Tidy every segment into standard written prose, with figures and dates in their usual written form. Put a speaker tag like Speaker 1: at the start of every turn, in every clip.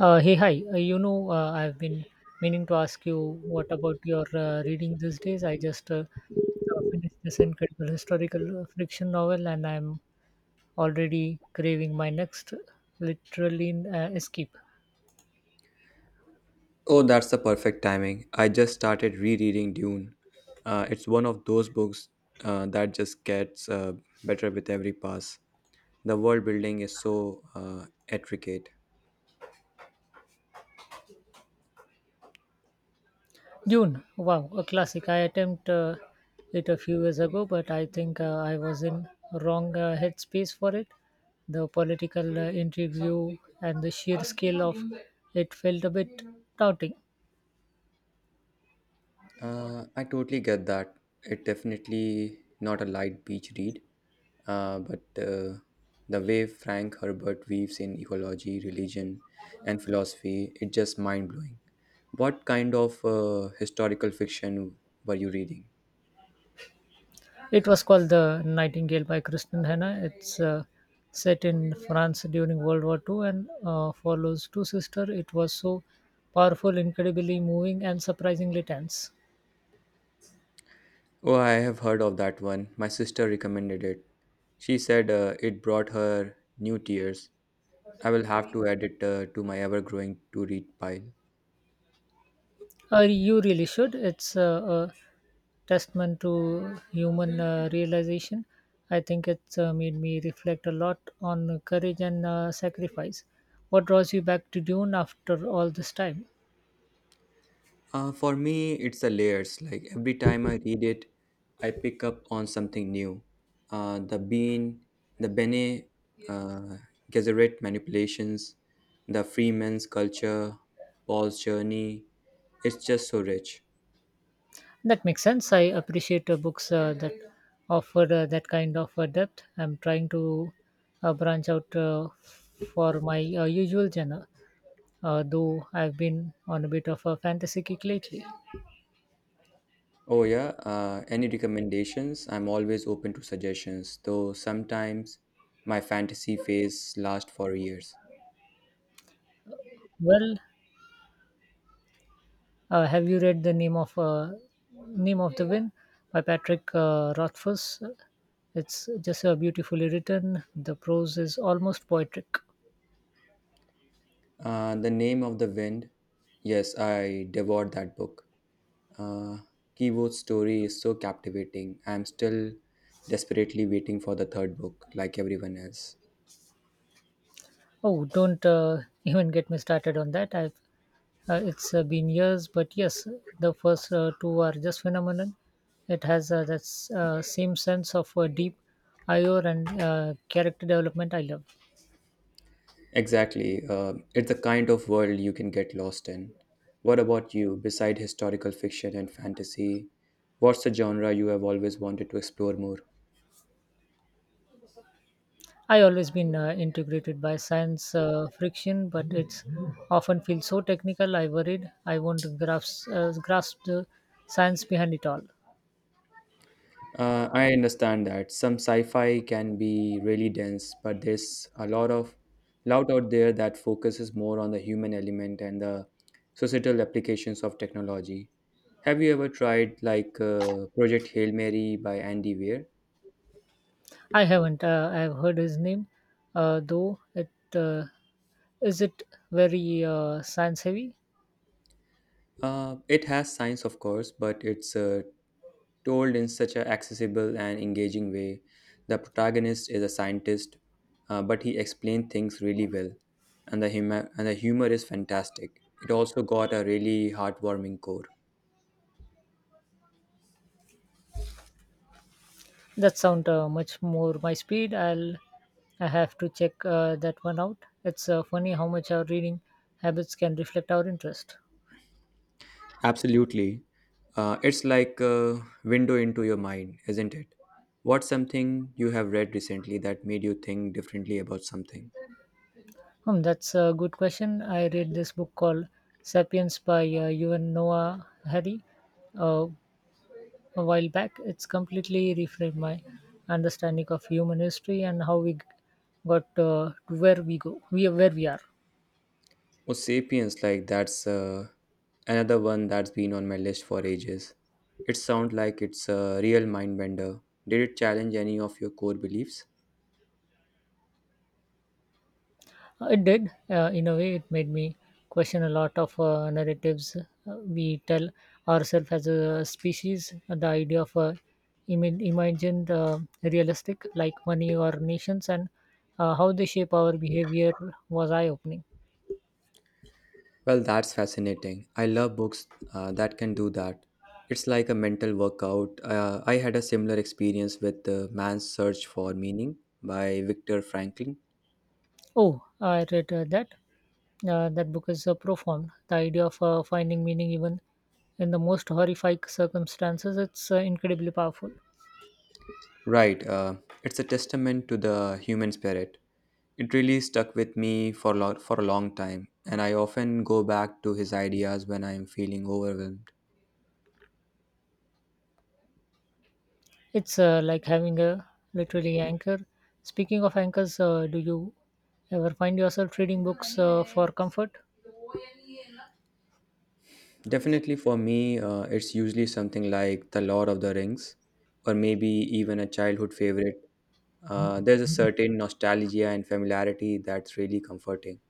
Speaker 1: Hey, hi. I've been meaning to ask you what about your reading these days. I just finished this incredible historical fiction novel, and I'm already craving my next literally escape.
Speaker 2: Oh, that's the perfect timing. I just started rereading Dune. It's one of those books that just gets better with every pass. The world building is so intricate.
Speaker 1: Dune. Wow, a classic. I attempted it a few years ago, but I think I was in wrong headspace for it. The political intrigue and the sheer scale of it felt a bit daunting.
Speaker 2: I totally get that. It definitely not a light beach read, but the way Frank Herbert weaves in ecology, religion, and philosophy, it's just mind blowing. What kind of historical fiction were you reading?
Speaker 1: It was called The Nightingale by Kristen Hanna. It's set in France during World War II and follows two sisters. It was so powerful, incredibly moving, and surprisingly tense.
Speaker 2: Oh, I have heard of that one. My sister recommended it. She said it brought her new tears. I will have to add it to my ever growing to read pile.
Speaker 1: You really should. It's a testament to human realization. I think it's made me reflect a lot on courage and sacrifice. What draws you back to Dune after all this time?
Speaker 2: For me, it's the layers. Like every time I read it, I pick up on something new. Uh, the Bean, the Bene uh, Gesserit manipulations, the Freeman's culture, Paul's journey. It's just so rich.
Speaker 1: That makes sense. I appreciate books that offer that kind of depth. I'm trying to branch out for my usual genre, though I've been on a bit of a fantasy kick lately.
Speaker 2: Oh, yeah. Any recommendations? I'm always open to suggestions, though sometimes my fantasy phase lasts for years.
Speaker 1: Well, have you read the name of Name of the Wind by Patrick Rothfuss? It's just beautifully written. The prose is almost poetic.
Speaker 2: The Name of the Wind. Yes, I devoured that book. Uh, Kiwo's story is so captivating. I'm still desperately waiting for the third book, like everyone else.
Speaker 1: Oh, don't even get me started on that. I've it's been years, but yes, the first two are just phenomenal. It has same sense of deep IO and character development I love.
Speaker 2: Exactly. It's the kind of world you can get lost in. What about you? Beside historical fiction and fantasy, what's the genre you have always wanted to explore more?
Speaker 1: I always been integrated by science friction, but it's often feels so technical. I worried I won't grasp the science behind it all.
Speaker 2: I understand that some sci-fi can be really dense, but there's a lot out there that focuses more on the human element and the societal applications of technology. Have you ever tried like Project Hail Mary by Andy Weir?
Speaker 1: I haven't. I have heard his name, though. It uh, is it very science heavy.
Speaker 2: It has science, of course, but it's told in such an accessible and engaging way. The protagonist is a scientist, but he explained things really well, and the humor is fantastic. It also got a really heartwarming core.
Speaker 1: That sound much more my speed. I have to check that one out. It's funny how much our reading habits can reflect our interest.
Speaker 2: Absolutely, it's like a window into your mind, isn't it? What's something you have read recently that made you think differently about something?
Speaker 1: Hmm, that's a good question. I read this book called *Sapiens* by Yuval Noah Harari uh, a while back. It's completely reframed my understanding of human history and how got to where we are.
Speaker 2: Oh, Sapiens, like that's another one that's been on my list for ages. It sounds like it's a real mind bender. Did it challenge any of your core beliefs?
Speaker 1: It did. In a way, it made me question a lot of narratives we tell ourselves as a species. The idea of imagined realistic, like money or nations, and how they shape our behavior was eye opening.
Speaker 2: Well, that's fascinating. I love books that can do that. It's like a mental workout. I had a similar experience with Man's Search for Meaning by Viktor Frankl.
Speaker 1: Oh, I read that. That book is profound. The idea of finding meaning even in the most horrific circumstances, it's incredibly powerful.
Speaker 2: Right, it's a testament to the human spirit. It really stuck with me for for a long time, and I often go back to his ideas when I am feeling overwhelmed.
Speaker 1: It's like having a literally anchor. Speaking of anchors, do you ever find yourself reading books for comfort?
Speaker 2: Definitely for me, it's usually something like The Lord of the Rings, or maybe even a childhood favorite. There's a certain nostalgia and familiarity that's really comforting.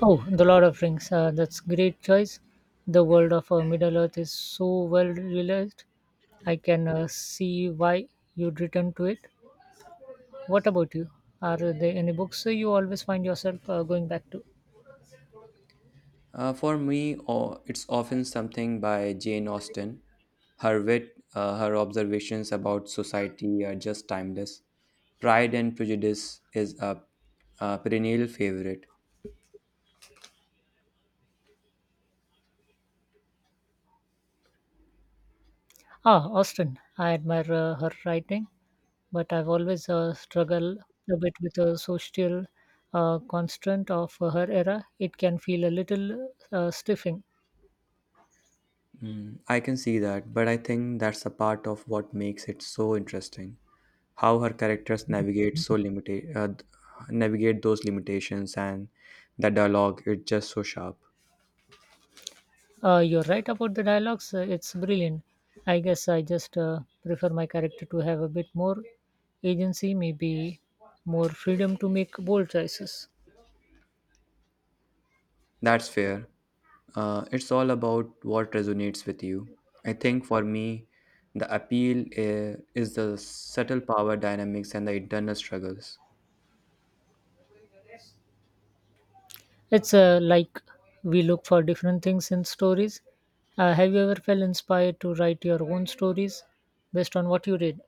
Speaker 1: Oh, The Lord of Rings. That's great choice. The world of Middle Earth is so well realized. I can see why you'd return to it. What about you? Are there any books you always find yourself going back to?
Speaker 2: For me, it's often something by Jane Austen. Her wit, her observations about society are just timeless. Pride and Prejudice is a perennial favorite.
Speaker 1: Ah, Austen. I admire her writing, but I've always struggled a bit with the social constraint of her era. It can feel a little stiffing.
Speaker 2: Mm, I can see that, but I think that's a part of what makes it so interesting. How her characters navigate so limited, th- navigate those limitations, and the dialogue is just so sharp.
Speaker 1: You're right about the dialogues. It's brilliant. I guess I just prefer my character to have a bit more agency, maybe more freedom to make bold choices.
Speaker 2: That's fair. It's all about what resonates with you. I think for me, the appeal is the subtle power dynamics and the internal struggles.
Speaker 1: It's like we look for different things in stories. Have you ever felt inspired to write your own stories based on what you read?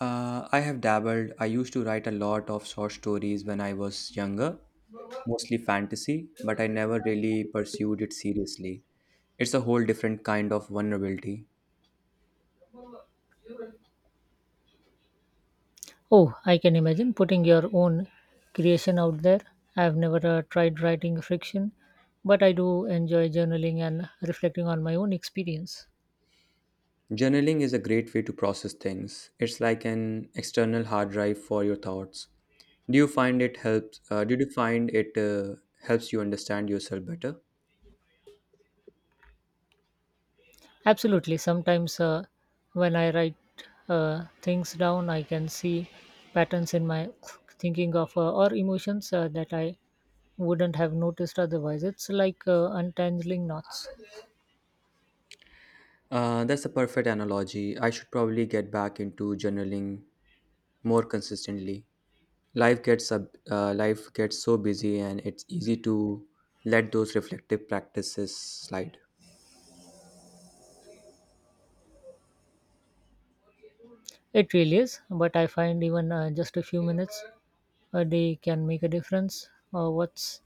Speaker 2: I have dabbled. I used to write a lot of short stories when I was younger, mostly fantasy, but I never really pursued it seriously. It's a whole different kind of vulnerability.
Speaker 1: Oh, I can imagine putting your own creation out there. I've never tried writing fiction, but I do enjoy journaling and reflecting on my own experience.
Speaker 2: Journaling is a great way to process things. It's like an external hard drive for your thoughts. Do you find it helps? Did you find it helps you understand yourself better?
Speaker 1: Absolutely. Sometimes when I write things down, I can see patterns in my thinking of or emotions that I wouldn't have noticed otherwise. It's like untangling knots.
Speaker 2: That's a perfect analogy. I should probably get back into journaling more consistently. Life gets so busy, and it's easy to let those reflective practices slide.
Speaker 1: It really is, but I find even just a few minutes a day can make a difference? What's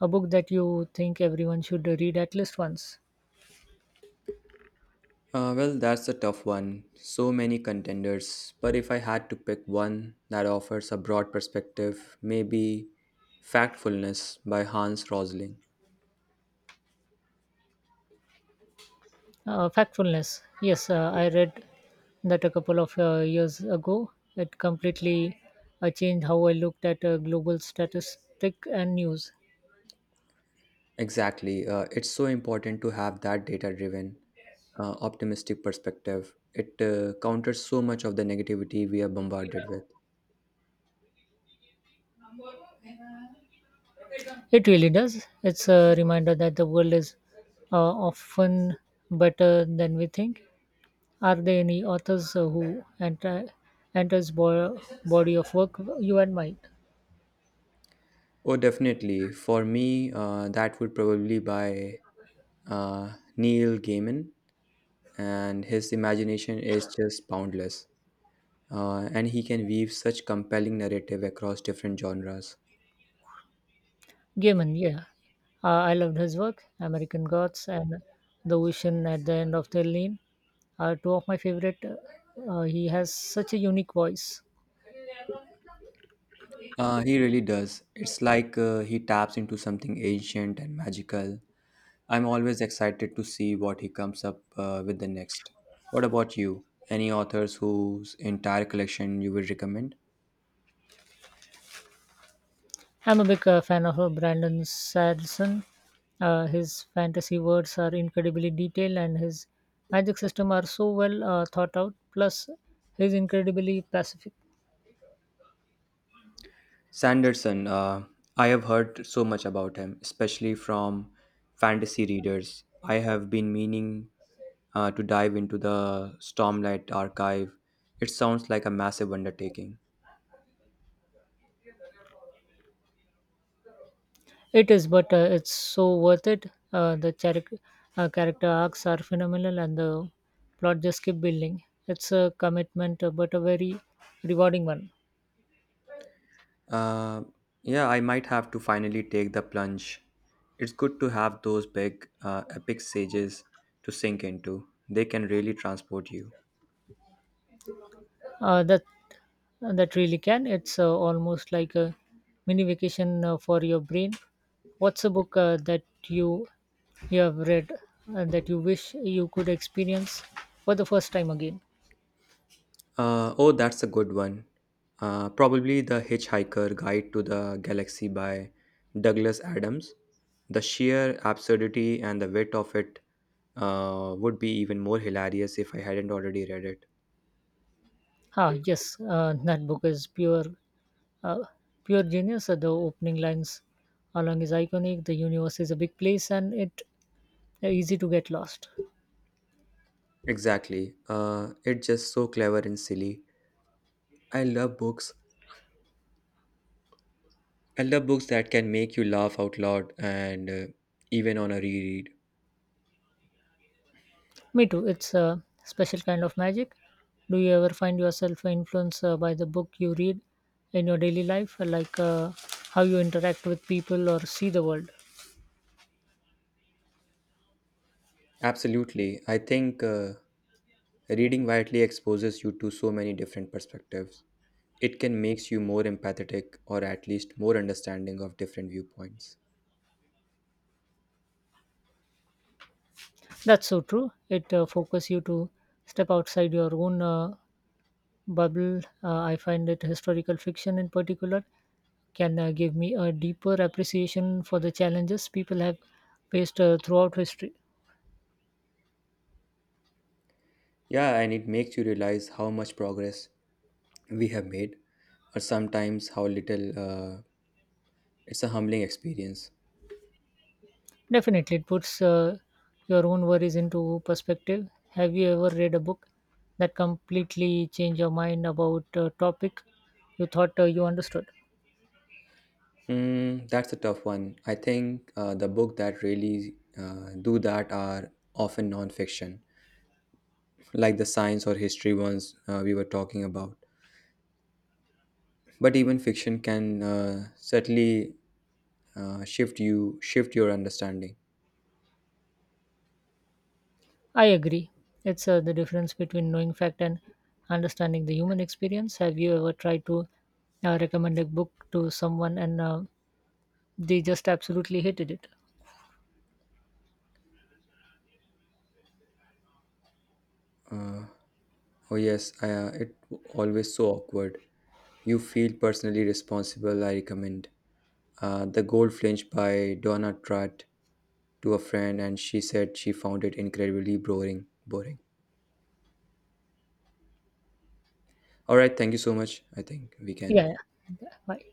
Speaker 1: a book that you think everyone should read at least once?
Speaker 2: Well, that's a tough one. So many contenders. But if I had to pick one that offers a broad perspective, maybe Factfulness by Hans Rosling.
Speaker 1: Factfulness. Yes, I read that a couple of years ago. It completely changed how I looked at global statistic and news.
Speaker 2: Exactly. It's so important to have that data driven, optimistic perspective. It counters so much of the negativity we are bombarded with.
Speaker 1: It really does. It's a reminder that the world is often better than we think. Are there any authors who enter enters body of work you admire?
Speaker 2: Oh, definitely. For me, that would probably by Neil Gaiman, and his imagination is just boundless. And he can weave such compelling narrative across different genres.
Speaker 1: Gaiman, yeah. I loved his work. American Gods and The Vision at the End of the Lane are two of my favorite. He has such a unique voice.
Speaker 2: He really does. It's like he taps into something ancient and magical. I'm always excited to see what he comes up with the next. What about you? Any authors whose entire collection you would recommend?
Speaker 1: I'm a big fan of Brandon Sanderson. His fantasy words are incredibly detailed and his magic system are so well thought out. Plus, he's incredibly pacific.
Speaker 2: Sanderson, I have heard so much about him, especially from fantasy readers. I have been meaning to dive into the Stormlight archive. It sounds like a massive undertaking.
Speaker 1: It is, but it's so worth it. Uh, the charac- Character arcs are phenomenal, and the plot just keep building. It's a commitment, but a very rewarding one.
Speaker 2: Uh, yeah, I might have to finally take the plunge. It's good to have those big, epic sages to sink into. They can really transport you.
Speaker 1: Uh, that that really can. It's almost like a mini vacation for your brain. What's a book that you have read that you wish you could experience for the first time again?
Speaker 2: Oh, that's a good one. Probably The Hitchhiker Guide to the Galaxy by Douglas Adams. The sheer absurdity and the wit of it would be even more hilarious if I hadn't already read it.
Speaker 1: Ah, yes, that book is Uh, pure genius. The opening lines along is iconic. The universe is a big place, and it easy to get lost.
Speaker 2: Exactly. It's just so clever and silly. I love books I love books that can make you laugh out loud and even on a reread.
Speaker 1: Me too. It's a special kind of magic. Do you ever find yourself influenced by the book you read in your daily life, how you interact with people or see the world?
Speaker 2: Absolutely. I think reading widely exposes you to so many different perspectives. It can makes you more empathetic or at least more understanding of different viewpoints.
Speaker 1: That's so true. It focuses you to step outside your own bubble. I find that historical fiction, in particular, can give me a deeper appreciation for the challenges people have faced throughout history.
Speaker 2: Yeah, and it makes you realize how much progress we have made or sometimes how little. It's a humbling experience.
Speaker 1: Definitely, it puts your own worries into perspective. Have you ever read a book that completely changed your mind about a topic you thought you understood?
Speaker 2: Hmm, that's a tough one. I think the book that really do that are often non-fiction like the science or history ones we were talking about. But even fiction can certainly shift your understanding.
Speaker 1: I agree. It's the difference between knowing fact and understanding the human experience. Have you ever tried to recommend a book to someone and they just absolutely hated it?
Speaker 2: Uh, oh yes, it always so awkward. You feel personally responsible. I recommend the Gold Flinch by Donna Tratt to a friend, and she said she found it incredibly boring. Boring. All right, thank you so much. I think we can
Speaker 1: Yeah, yeah. Bye.